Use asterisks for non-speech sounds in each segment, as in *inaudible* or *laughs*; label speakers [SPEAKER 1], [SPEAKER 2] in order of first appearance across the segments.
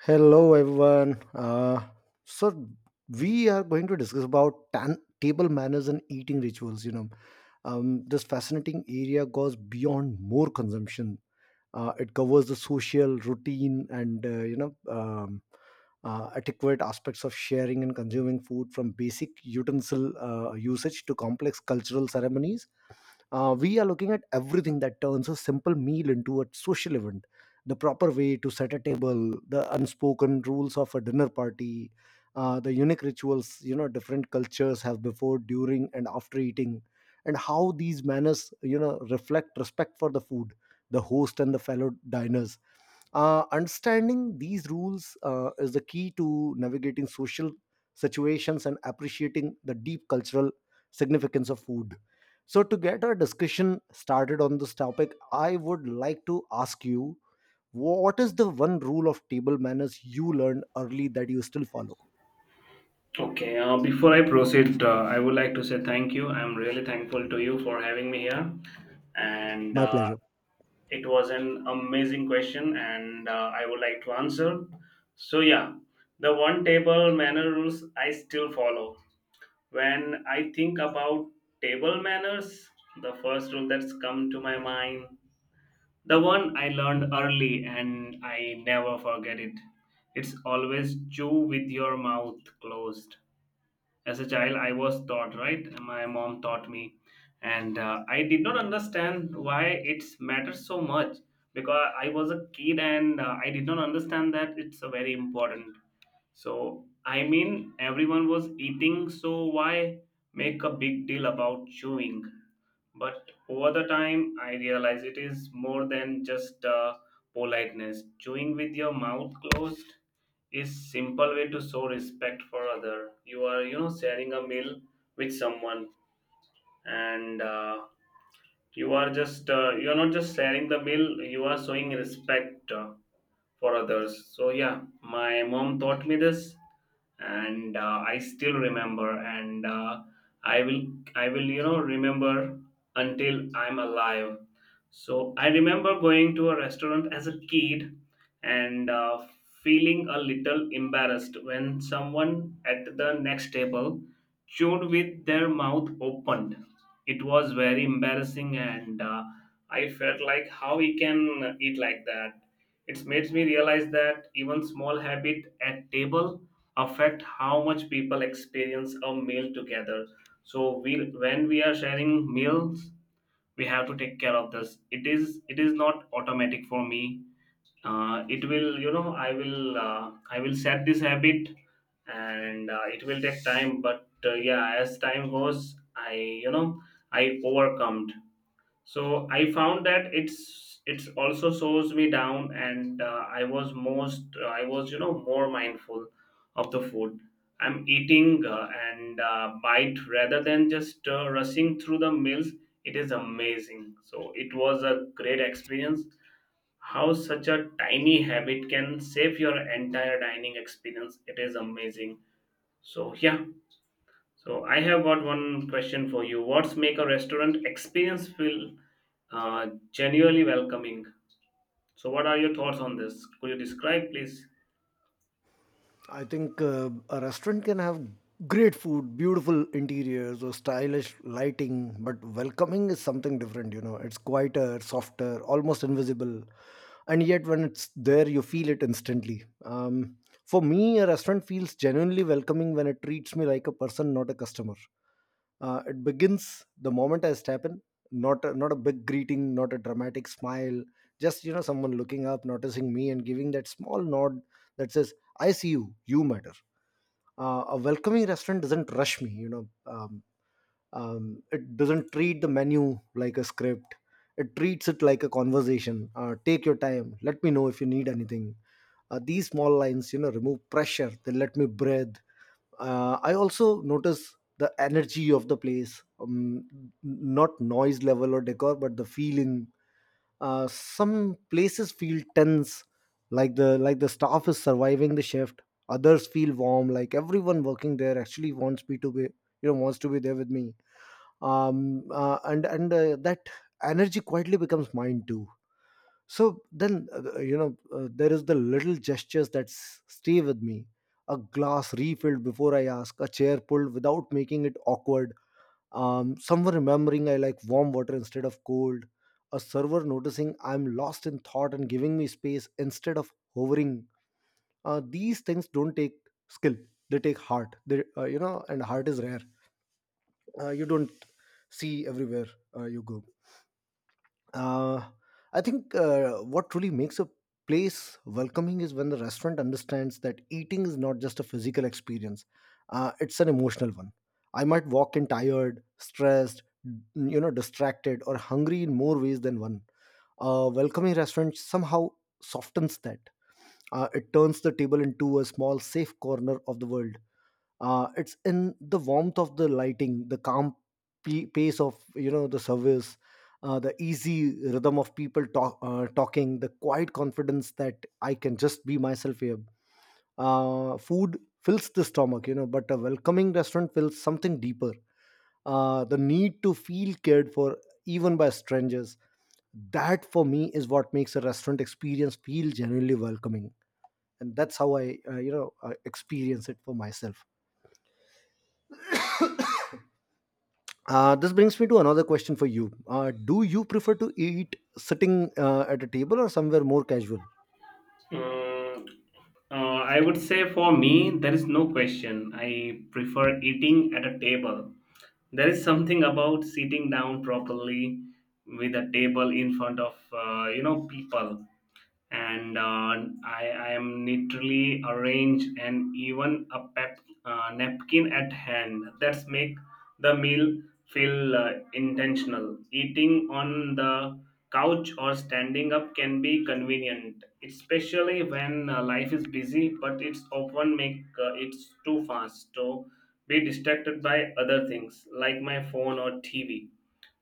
[SPEAKER 1] Hello, everyone. So we are going to discuss about table manners and eating rituals. This fascinating area goes beyond more consumption. It covers the social, routine, and adequate aspects of sharing and consuming food, from basic utensil usage to complex cultural ceremonies. We are looking at everything that turns a simple meal into a social event: the proper way to set a table, the unspoken rules of a dinner party, the unique rituals different cultures have before, during, and after eating, and how these manners reflect respect for the food, the host, and the fellow diners. Understanding these rules is the key to navigating social situations and appreciating the deep cultural significance of food. So, to get our discussion started on this topic, I would like to ask you: what is the one rule of table manners you learned early that you still follow?
[SPEAKER 2] Okay, before I proceed, I would like to say thank you. I'm really thankful to you for having me here. And
[SPEAKER 1] My pleasure.
[SPEAKER 2] It was an amazing question, and I would like to answer. So, yeah, the one table manner rules I still follow. When I think about table manners, the first rule that's come to my mind, the one I learned early and I never forget it, it's always chew with your mouth closed. As a child I was taught right, my mom taught me, and I did not understand why it matters so much, because I was a kid and I did not understand that it's a very important. So I mean everyone was eating, so why make a big deal about chewing? But over the time, I realize it is more than just politeness. Chewing with your mouth closed is simple way to show respect for other. You are, you know, sharing a meal with someone, and you are just, you are not just sharing the meal. You are showing respect. For others. So, yeah, my mom taught me this, and I still remember, and I will, I will, you know, remember until I'm alive. So, I remember going to a restaurant as a kid and feeling a little embarrassed when someone at the next table chewed with their mouth opened. It was very embarrassing, and I felt like how he can eat like that. It makes me realize that even small habit at table affect how much people experience a meal together. So we when we are sharing meals, we have to take care of this. It is not automatic for me. It will, you know, I will set this habit, and it will take time. But yeah, as time goes, I, you know, I overcome. So I found that it's also slows me down, and I was most, I was, you know, more mindful of the food I'm eating, and bite rather than just rushing through the meals. It is amazing, so it was a great experience. How such a tiny habit can save your entire dining experience, it is amazing. So yeah, so I have got one question for you. What's make a restaurant experience feel genuinely welcoming? So what are your thoughts on this? Could you describe, please?
[SPEAKER 1] I think a restaurant can have great food, beautiful interiors, or stylish lighting, but welcoming is something different. It's quieter, softer, almost invisible. And yet, when it's there, you feel it instantly. For me, a restaurant feels genuinely welcoming when it treats me like a person, not a customer. It begins the moment I step in, not a big greeting, not a dramatic smile, just someone looking up, noticing me, and giving that small nod that says, "I see you. You matter." A welcoming restaurant doesn't rush me. It doesn't treat the menu like a script. It treats it like a conversation. Take your time. Let me know if you need anything. These small lines, remove pressure. They let me breathe. I also notice the energy of the place, not noise level or decor, but the feeling. Some places feel tense, like the staff is surviving the shift. Others feel warm, like everyone working there actually wants me to be, wants to be there with me. And that energy quietly becomes mine too. So then, there is the little gestures that stay with me. A glass refilled before I ask, a chair pulled without making it awkward, someone remembering I like warm water instead of cold, a server noticing I'm lost in thought and giving me space instead of hovering. These things don't take skill; they take heart. And heart is rare. You don't see everywhere you go. Uh, I think what truly makes a place welcoming is when the restaurant understands that eating is not just a physical experience; it's an emotional one. I might walk in tired, stressed, distracted, or hungry in more ways than one. A welcoming restaurant somehow softens that. It turns the table into a small, safe corner of the world. It's in the warmth of the lighting, the calm pace of the service, the easy rhythm of people talking, the quiet confidence that I can just be myself here. Food fills the stomach, but a welcoming restaurant fills something deeper: the need to feel cared for, even by strangers. That, for me, is what makes a restaurant experience feel genuinely welcoming, and that's how I experience it for myself. This brings me to another question for you. Do you prefer to eat sitting at a table or somewhere more casual?
[SPEAKER 2] Mm, I would say for me, there is no question. I prefer eating at a table. There is something about sitting down properly with a table in front of you know people, and I am literally arranged and even a napkin at hand. That's make the meal feel intentional. Eating on the couch or standing up can be convenient, especially when life is busy, but it's often make it's too fast to be distracted by other things like my phone or TV.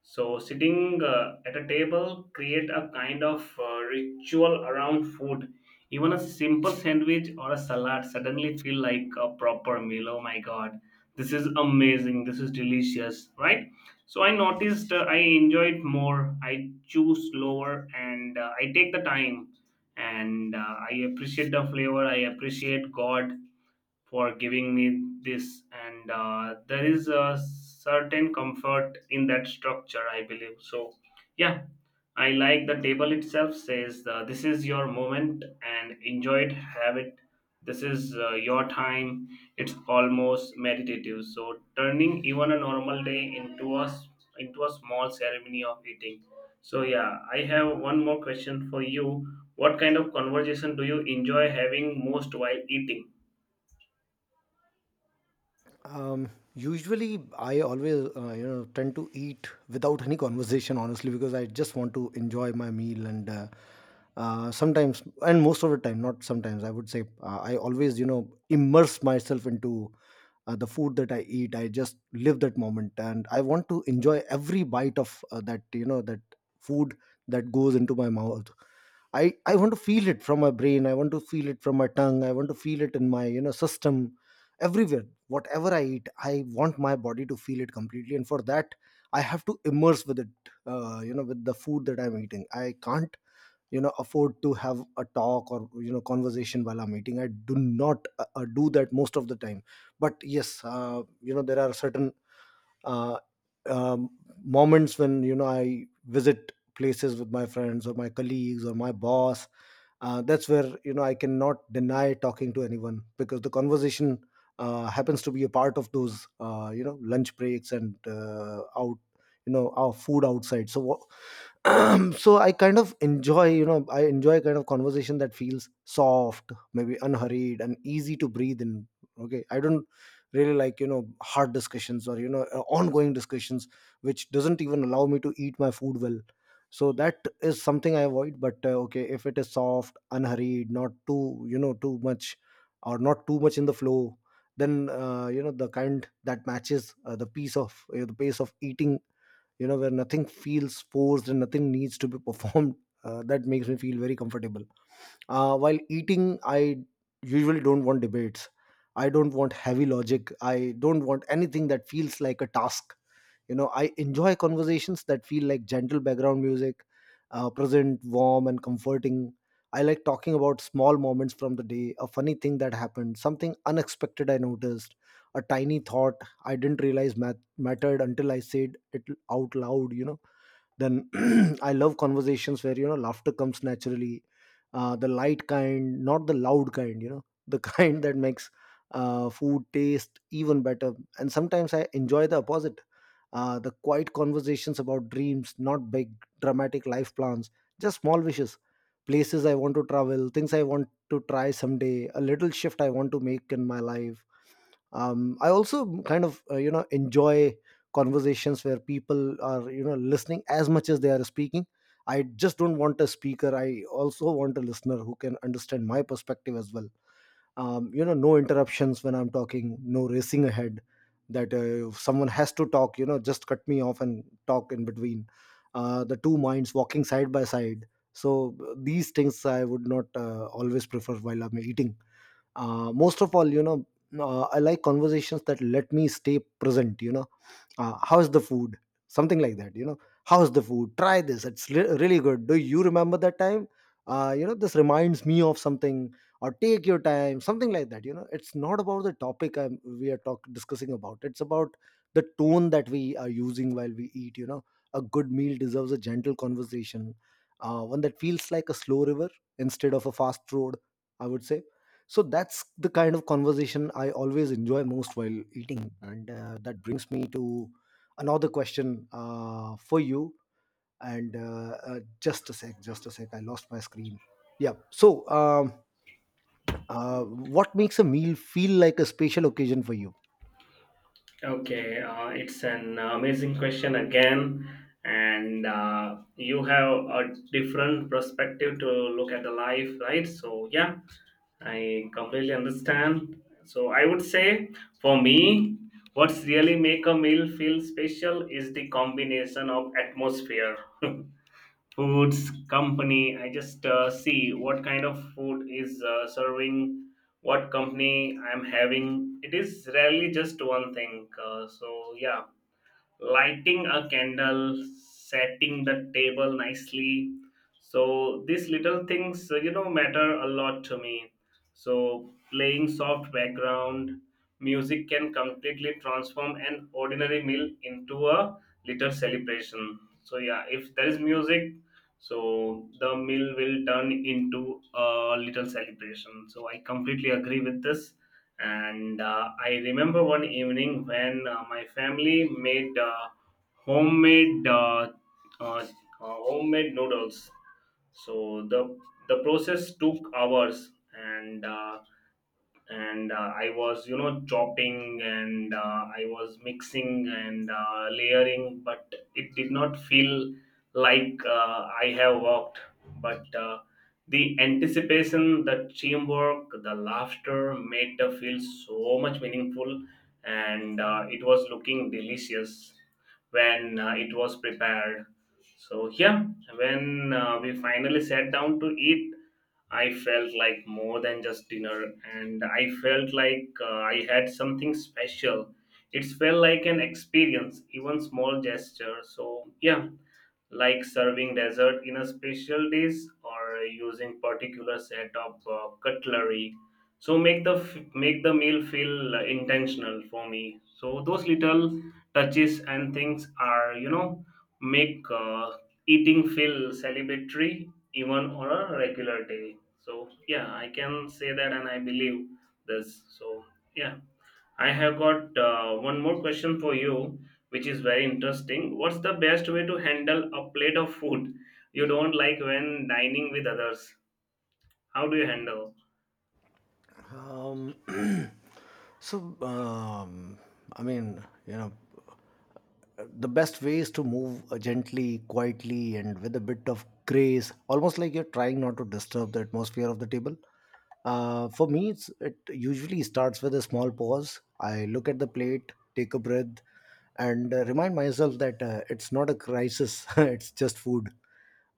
[SPEAKER 2] So sitting at a table create a kind of ritual around food. Even a simple sandwich or a salad suddenly feel like a proper meal. Oh my god, this is amazing. This is delicious, right? So I noticed I enjoy it more. I choose slower, and I take the time, and I appreciate the flavor. I appreciate God for giving me this, and there is a certain comfort in that structure, I believe. So yeah, I like the table itself says, this is your moment and enjoy it, have it, this is your time. It's almost meditative, so turning even a normal day into a into a small ceremony of eating. So yeah, I have one more question for you. What kind of conversation do you enjoy having most while eating?
[SPEAKER 1] Usually, I always tend to eat without any conversation, honestly, because I just want to enjoy my meal and. Sometimes — and most of the time, not sometimes, I would say — I always immerse myself into the food that I eat. I just live that moment, and I want to enjoy every bite of that you know that food that goes into my mouth. I want to feel it from my brain, I want to feel it from my tongue, I want to feel it in my system, everywhere. Whatever I eat, I want my body to feel it completely, and for that I have to immerse with it, with the food that I'm eating. I can't afford to have a talk or conversation while I'm eating. I do not do that most of the time. But yes, there are certain uh, um, moments when I visit places with my friends or my colleagues or my boss. That's where I cannot deny talking to anyone, because the conversation happens to be a part of those lunch breaks and out, our food outside. So what? *clears throat* So I enjoy kind of conversation that feels soft, maybe unhurried and easy to breathe in. Okay, I don't really like hard discussions or ongoing discussions which doesn't even allow me to eat my food well. So that is something I avoid. But okay, if it is soft, unhurried, not too too much, or not too much in the flow, then the kind that matches the pace of eating, where nothing feels forced and nothing needs to be performed. *laughs* That makes me feel very comfortable while eating. I usually don't want debates, I don't want heavy logic, I don't want anything that feels like a task. I enjoy conversations that feel like gentle background music — present, warm, and comforting. I like talking about small moments from the day, a funny thing that happened, something unexpected I noticed, a tiny thought I didn't realize mattered until I said it out loud. Then *clears throat* I love conversations where laughter comes naturally, the light kind, not the loud kind, the *laughs* kind that makes food taste even better. And sometimes I enjoy the opposite: the quiet conversations about dreams, not big dramatic life plans, just small wishes, places I want to travel, things I want to try someday, a little shift I want to make in my life. I also kind of enjoy conversations where people are listening as much as they are speaking. I just don't want a speaker; I also want a listener who can understand my perspective as well. No interruptions when I'm talking, no racing ahead. That If someone has to talk, just cut me off and talk in between. The two minds walking side by side. So these things I would not always prefer while I'm eating. Most of all, I like conversations that let me stay present. How's the food? Something like that. How's the food? Try this, it's really good. Do you remember that time? This reminds me of something. Or, take your time. Something like that. It's not about the topic we are discussing about; it's about the tone that we are using while we eat. A good meal deserves a gentle conversation, one that feels like a slow river instead of a fast road, I would say. So that's the kind of conversation I always enjoy most while eating, and that brings me to another question for you. And Just a sec, I lost my screen. Yeah, so what makes a meal feel like a special occasion for you?
[SPEAKER 2] Okay, it's an amazing question again, and you have a different perspective to look at the life, right? So yeah, I completely understand. So I would say for me, what's really make a meal feel special is the combination of atmosphere. *laughs* Foods, company. I just see what kind of food is serving, what company I'm having. It is rarely just one thing, so yeah, lighting a candle, setting the table nicely. So these little things, you know, matter a lot to me. So playing soft background music can completely transform an ordinary meal into a little celebration. So yeah, if there is music, so the meal will turn into a little celebration. So I completely agree with this, and I remember one evening when my family made homemade uh, uh, uh, homemade noodles. So the process took hours, and uh, and I was, you know, chopping, and I was mixing, and layering, but it did not feel like I have worked. But the anticipation, the teamwork, the laughter made the feel so much meaningful. And it was looking delicious when it was prepared. So yeah, when we finally sat down to eat, I felt like more than just dinner, and I felt like I had something special. It felt like an experience, even small gesture. So, yeah, like serving dessert in a special dish or using particular set of cutlery, so make the make the meal feel intentional for me. So those little touches and things are, you know, make eating feel celebratory, even on a regular day. So yeah, I can say that, and I believe this. So yeah, I have got one more question for you, which is very interesting. What's the best way to handle a plate of food you don't like when dining with others? How do you handle?
[SPEAKER 1] um, *clears throat* so I mean, the best way is to move gently, quietly, and with a bit of grace, almost like you're trying not to disturb the atmosphere of the table. For me, it usually starts with a small pause. I look at the plate, take a breath, and remind myself that it's not a crisis. *laughs* It's just food.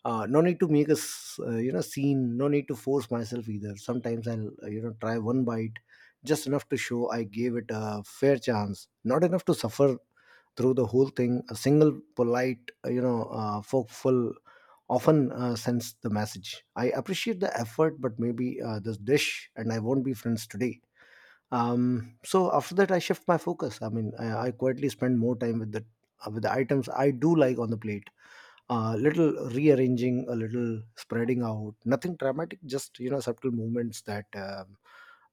[SPEAKER 1] No need to make a scene. No need to force myself either. Sometimes I'll try one bite, just enough to show I gave it a fair chance. Not enough to suffer through the whole thing. A single polite forkful often sends the message, I appreciate the effort, but maybe this dish and I won't be friends today. So after that I shift my focus. I quietly spend more time with the items I do like on the plate. A little rearranging, a little spreading out, nothing dramatic, just subtle movements that um,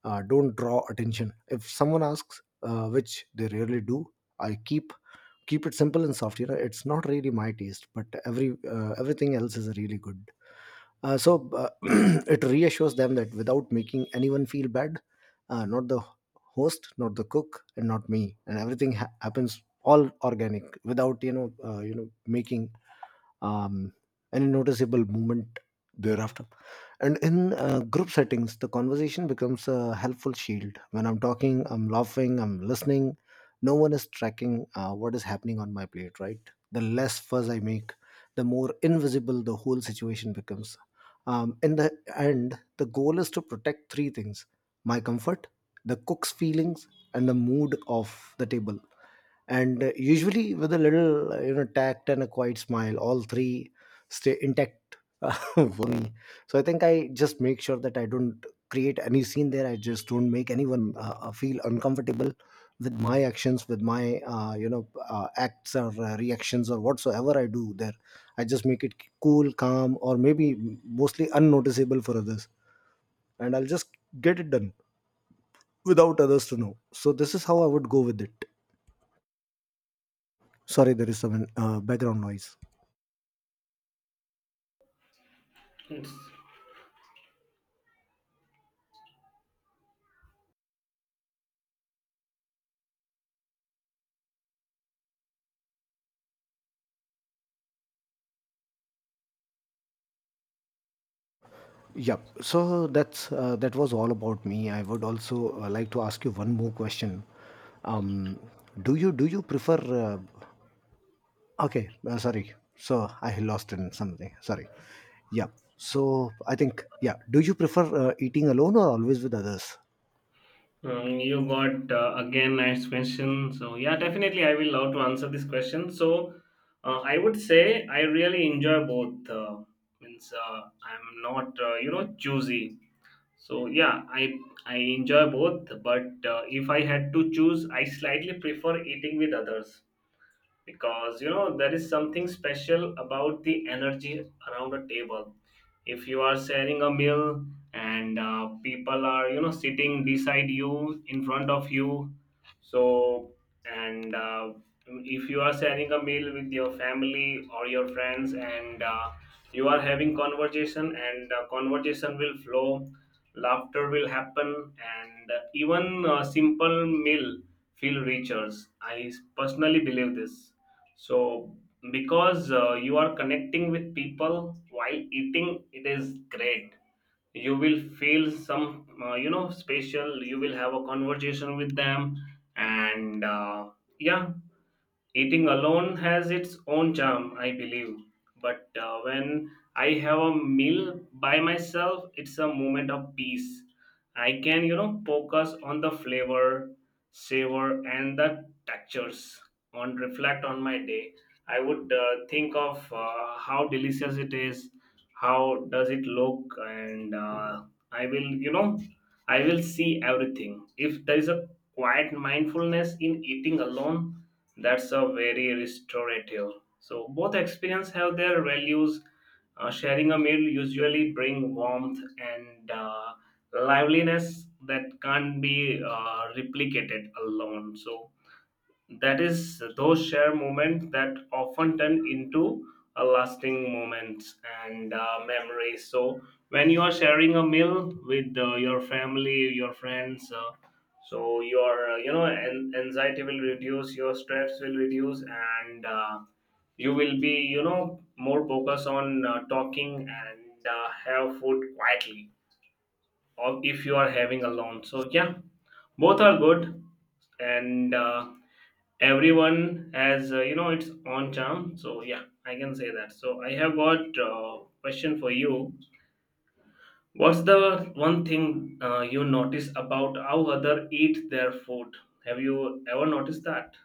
[SPEAKER 1] uh, don't draw attention. If someone asks, which they rarely do, I keep it simple and soft. You know, it's not really my taste, but everything else is really good. So *clears throat* it reassures them, that without making anyone feel bad, not the host, not the cook, and not me, and everything happens all organic without making um, and a noticeable movement thereafter. And in group settings, the conversation becomes a helpful shield. When I'm talking, I'm laughing, I'm listening. No one is tracking what is happening on my plate, right? The less fuss I make, the more invisible the whole situation becomes. In the end, the goal is to protect three things: my comfort, the cook's feelings, and the mood of the table. And usually with a little tact and a quiet smile, all three stay intact. *laughs* For me, so I think I just make sure that I don't create any scene there. I just don't make anyone feel uncomfortable with my actions, with my acts or reactions or whatsoever I do there. I just make it cool, calm, or maybe mostly unnoticeable for others, and I'll just get it done without others to know. So this is how I would go with it. Sorry, there is some background noise.
[SPEAKER 2] It's,
[SPEAKER 1] Yep. So that's that was all about me. I would also like to ask you one more question. Um, do you prefer? Okay, sorry. So I lost in something. Sorry. Yeah. So I think, yeah, do you prefer eating alone or always with others?
[SPEAKER 2] you got again nice question. So yeah, definitely I will love to answer this question. So I would say I really enjoy both. Means I'm not you know choosy. So yeah, I enjoy both, but if I had to choose, I slightly prefer eating with others, because you know there is something special about the energy around a table. If you are sharing a meal, and people are, you know, sitting beside you, in front of you, so, and if you are sharing a meal with your family or your friends, and you are having conversation, and conversation will flow, laughter will happen, and even a simple meal feel richer. I personally believe this. So, because you are connecting with people while eating, it is great. You will feel some, you know, special. You will have a conversation with them, and yeah, eating alone has its own charm, I believe. But when I have a meal by myself, it's a moment of peace. I can, you know, focus on the flavor, savor, and the textures. On reflect on my day, I would think of how delicious it is, how does it look, and I will, you know, I will see everything. If there is a quiet mindfulness in eating alone, that's a very restorative. So both experience have their values. Sharing a meal usually bring warmth and liveliness that can't be replicated alone. So that is those share moments that often turn into a lasting moments and memories. So when you are sharing a meal with your family, your friends, so your you know anxiety will reduce, your stress will reduce, and you will be, you know, more focused on talking, and have food quietly. Or if you are having alone, so yeah, both are good, and everyone has you know its own charm. So yeah, I can say that. So I have got question for you. What's the one thing you notice about how other eat their food? Have you ever noticed that?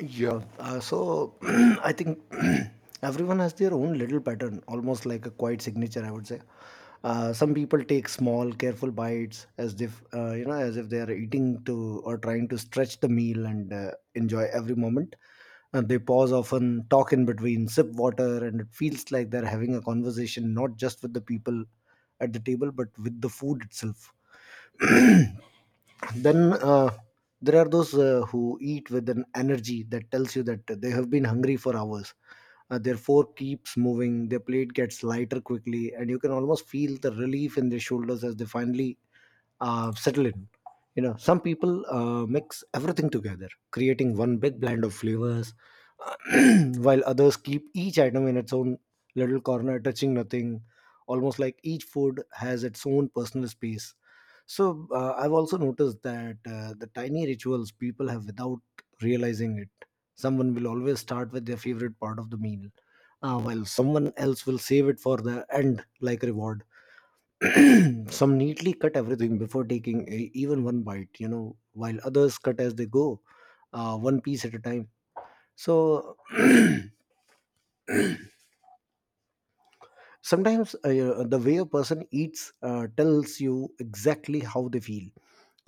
[SPEAKER 1] Yeah. So *clears throat* I think *clears throat* everyone has their own little pattern, almost like a quiet signature, I would say. Some people take small, careful bites, as if as if they are eating to or trying to stretch the meal and enjoy every moment. And they pause often, talk in between, sip water, and it feels like they're having a conversation not just with the people at the table, but with the food itself. Then there are those who eat with an energy that tells you that they have been hungry for hours. Their fork keeps moving, their plate gets lighter quickly, and you can almost feel the relief in their shoulders as they finally settle in. You know, some people mix everything together, creating one big blend of flavors, *clears throat* while others keep each item in its own little corner, touching nothing, almost like each food has its own personal space. So I've also noticed that the tiny rituals people have without realizing it. Someone will always start with their favorite part of the meal, while someone else will save it for the end, like reward. *clears throat* Some neatly cut everything before taking a, even one bite, you know, while others cut as they go, one piece at a time. So *clears throat* sometimes the way a person eats tells you exactly how they feel.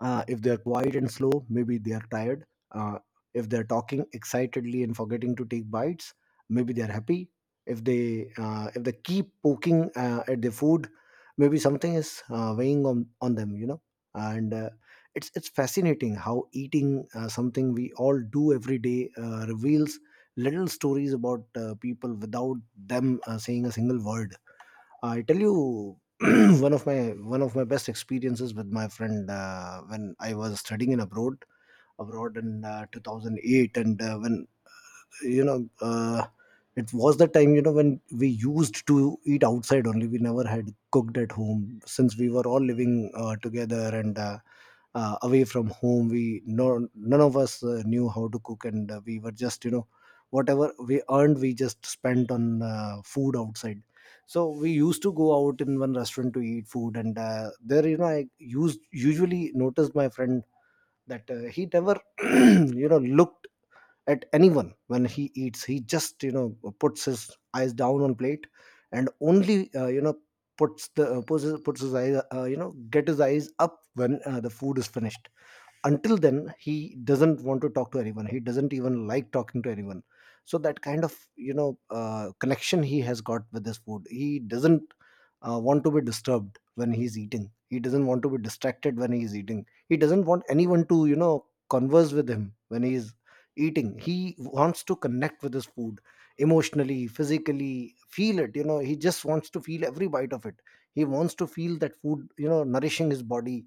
[SPEAKER 1] If they're quiet and slow, maybe they are tired. Uh, if they're talking excitedly and forgetting to take bites, maybe they're happy. If they keep poking at the food, maybe something is weighing on them. You know, and it's fascinating how eating, something we all do every day, reveals little stories about people without them saying a single word. I tell you, *clears throat* one of my best experiences with my friend when I was studying in abroad abroad in 2008. And when you know it was the time, you know, when we used to eat outside only. We never had cooked at home since we were all living together and away from home. We no, none of us knew how to cook, and we were just, you know, whatever we earned we just spent on food outside. So we used to go out in one restaurant to eat food, and there, you know, I used usually noticed my friend that he never *clears throat* you know looked at anyone when he eats. He just, you know, puts his eyes down on plate, and only puts the puts his eyes, get his eyes up when the food is finished. Until then, he doesn't want to talk to anyone. He doesn't even like talking to anyone. So that kind of, you know, connection he has got with this food. He doesn't want to be disturbed when he's eating. He doesn't want to be distracted when he's eating. He doesn't want anyone to, you know, converse with him when he's eating. He wants to connect with his food emotionally, physically, feel it, you know. He just wants to feel every bite of it. He wants to feel that food, you know, nourishing his body.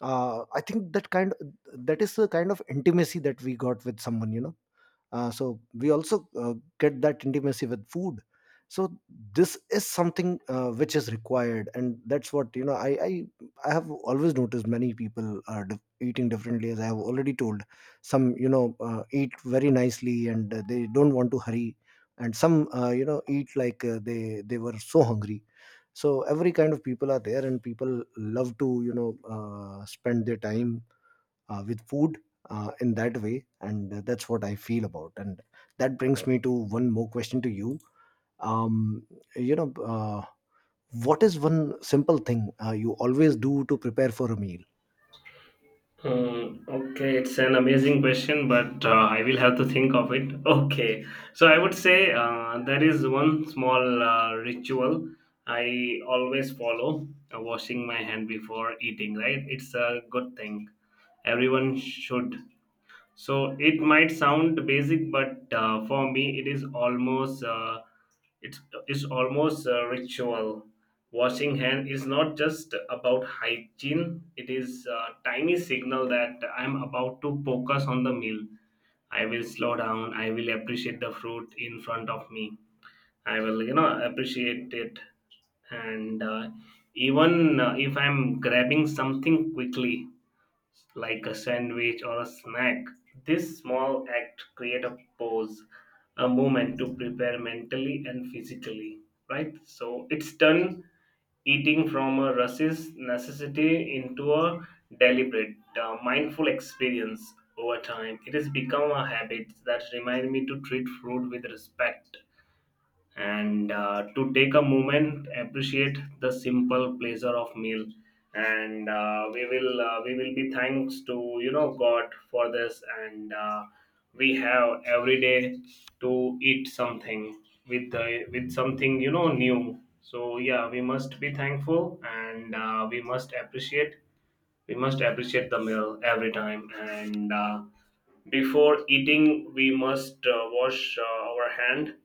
[SPEAKER 1] I think that kind, that is the kind of intimacy that we got with someone, you know. So we also get that intimacy with food. So this is something which is required, and that's what you know. I have always noticed many people are eating differently, as I have already told. Some, you know, eat very nicely, and they don't want to hurry, and some eat like they were so hungry. So every kind of people are there, and people love to, you know, spend their time with food in that way. And that's what I feel about. And that brings me to one more question to you. um, you know What is one simple thing you always do to prepare for a meal?
[SPEAKER 2] Hmm, okay, it's an amazing question, but I will have to think of it. *laughs* Okay, so I would say there is one small ritual I always follow, washing my hand before eating, right? It's a good thing, everyone should. So it might sound basic, but for me it is almost it's, it's almost a ritual. Washing hand is not just about hygiene, it is a tiny signal that I'm about to focus on the meal. I will slow down, I will appreciate the fruit in front of me, I will, you know, appreciate it. And even if I'm grabbing something quickly like a sandwich or a snack. This small act create a pause, a moment to prepare mentally and physically, right? So it's done, eating from a rushes necessity into a deliberate, mindful experience over time. It has become a habit that reminds me to treat food with respect, and to take a moment appreciate the simple pleasure of meal. And we will be thanks to, you know, god for this. And we have every day to eat something with the with something, you know, new. So yeah, we must be thankful, and we must appreciate, we must appreciate the meal every time. And before eating we must wash our hand.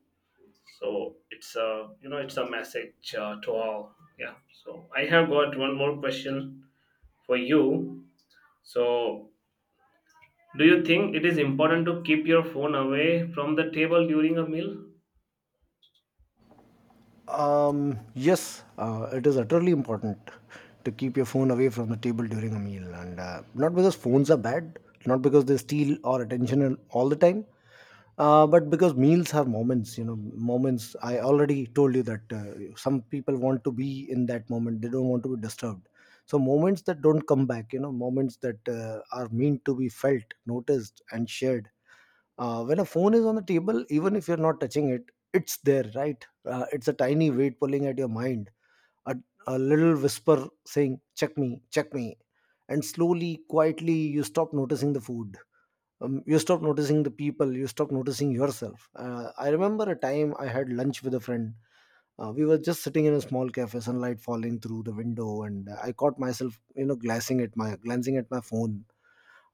[SPEAKER 2] So it's, a you know, it's a message to all. Yeah. So I have got one more question for you. So do you think it is important to keep your phone away from the table during a meal?
[SPEAKER 1] Yes, it is utterly important to keep your phone away from the table during a meal, and not because phones are bad, not because they steal our attention all the time, but because meals are moments. You know, moments. I already told you that some people want to be in that moment; they don't want to be disturbed. So moments that don't come back, you know, moments that are meant to be felt, noticed, and shared. When a phone is on the table, even if you're not touching it, it's there, right? It's a tiny weight pulling at your mind, a, a little whisper saying check me, check me. And slowly, quietly, you stop noticing the food. You stop noticing the people, you stop noticing yourself. I remember a time I had lunch with a friend. We were just sitting in a small cafe, sunlight falling through the window, and I caught myself, you know, glancing at my phone.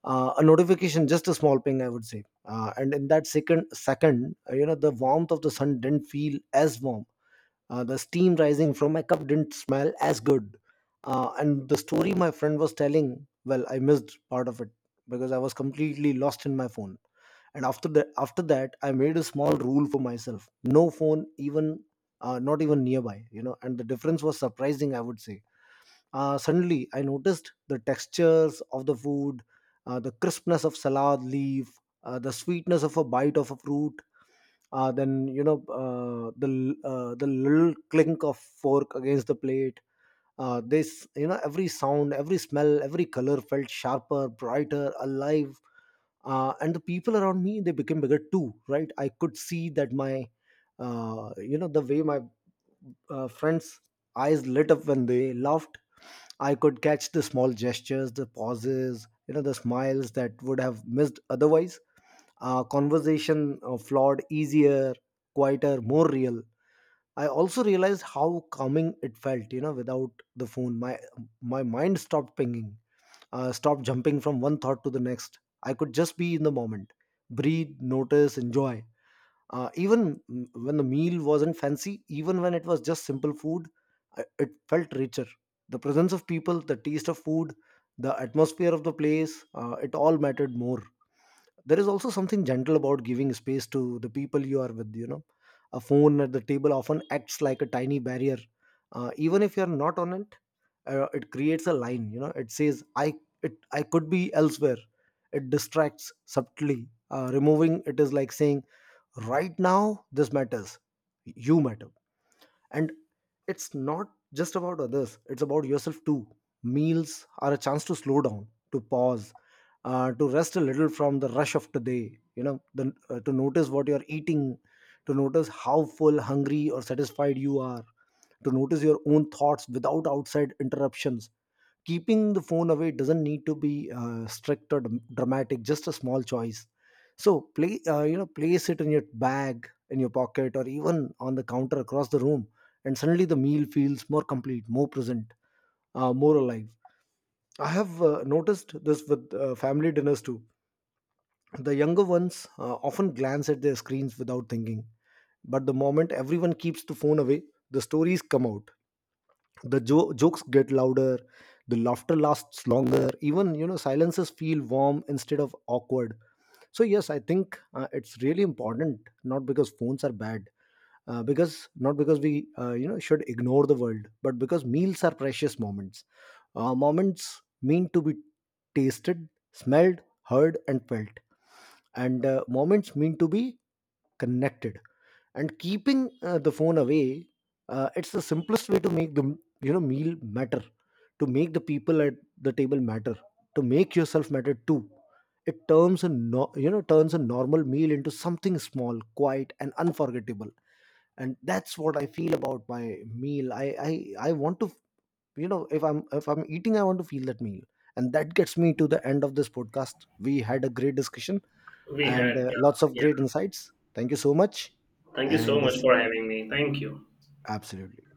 [SPEAKER 1] A notification, just a small ping, I would say. And in that second, you know, the warmth of the sun didn't feel as warm, the steam rising from my cup didn't smell as good, and the story my friend was telling, well, I missed part of it because I was completely lost in my phone. And after that, I made a small rule for myself: no phone, even not even nearby, you know. And the difference was surprising, I would say. Suddenly, I noticed the textures of the food, the crispness of salad leaf, the sweetness of a bite of a fruit. Then, you know, the the little clink of fork against the plate. This, you know, every sound, every smell, every color felt sharper, brighter, alive. And the people around me, they became bigger too, right? I could see that my the way my friends' eyes lit up when they laughed. I could catch the small gestures, the pauses, you know, the smiles that would have missed otherwise. Conversation flowed easier, quieter, more real. I also realized how calming it felt, you know, without the phone. My mind stopped pinging, stopped jumping from one thought to the next. I could just be in the moment, breathe, notice, enjoy, even when the meal wasn't fancy, even when it was just simple food. It felt richer: the presence of people, the taste of food, the atmosphere of the place. It all mattered more. There is also something gentle about giving space to the people you are with, you know. A phone at the table often acts like a tiny barrier. Even if you're not on it, it creates a line. You know, it says, I could be elsewhere. It distracts subtly. Removing it is like saying, right now this matters, you matter. And it's not just about others, it's about yourself too. Meals are a chance to slow down, to pause, to rest a little from the rush of today. You know, to notice what you're eating, to notice how full, hungry, or satisfied you are, to notice your own thoughts without outside interruptions. Keeping the phone away doesn't need to be strict or dramatic, just a small choice. So play, place it in your bag, in your pocket, or even on the counter across the room, and suddenly the meal feels more complete, more present, more alive. I have noticed this with family dinners too. The younger ones often glance at their screens without thinking, but the moment everyone keeps the phone away, the stories come out, the jokes get louder, the laughter lasts longer. Even, you know, silences feel warm instead of awkward. So yes, I think it's really important. Not because phones are bad, because not because we should ignore the world, but because meals are precious moments. Moments mean to be tasted, smelled, heard, and felt, and moments mean to be connected. And keeping the phone away, it's the simplest way to make the, you know, meal matter, to make the people at the table matter, to make yourself matter too. It turns a no, you know, turns a normal meal into something small, quiet, and unforgettable. And that's what I feel about my meal. I want to, you know, if I'm eating, I want to feel that meal. And that gets me to the end of this podcast. We had a great discussion
[SPEAKER 2] We
[SPEAKER 1] and
[SPEAKER 2] had. Yeah.
[SPEAKER 1] lots of
[SPEAKER 2] Yeah.
[SPEAKER 1] great insights. Thank you so much.
[SPEAKER 2] Thank you so
[SPEAKER 1] And
[SPEAKER 2] much
[SPEAKER 1] yes,
[SPEAKER 2] for having me. Thank you.
[SPEAKER 1] absolutely.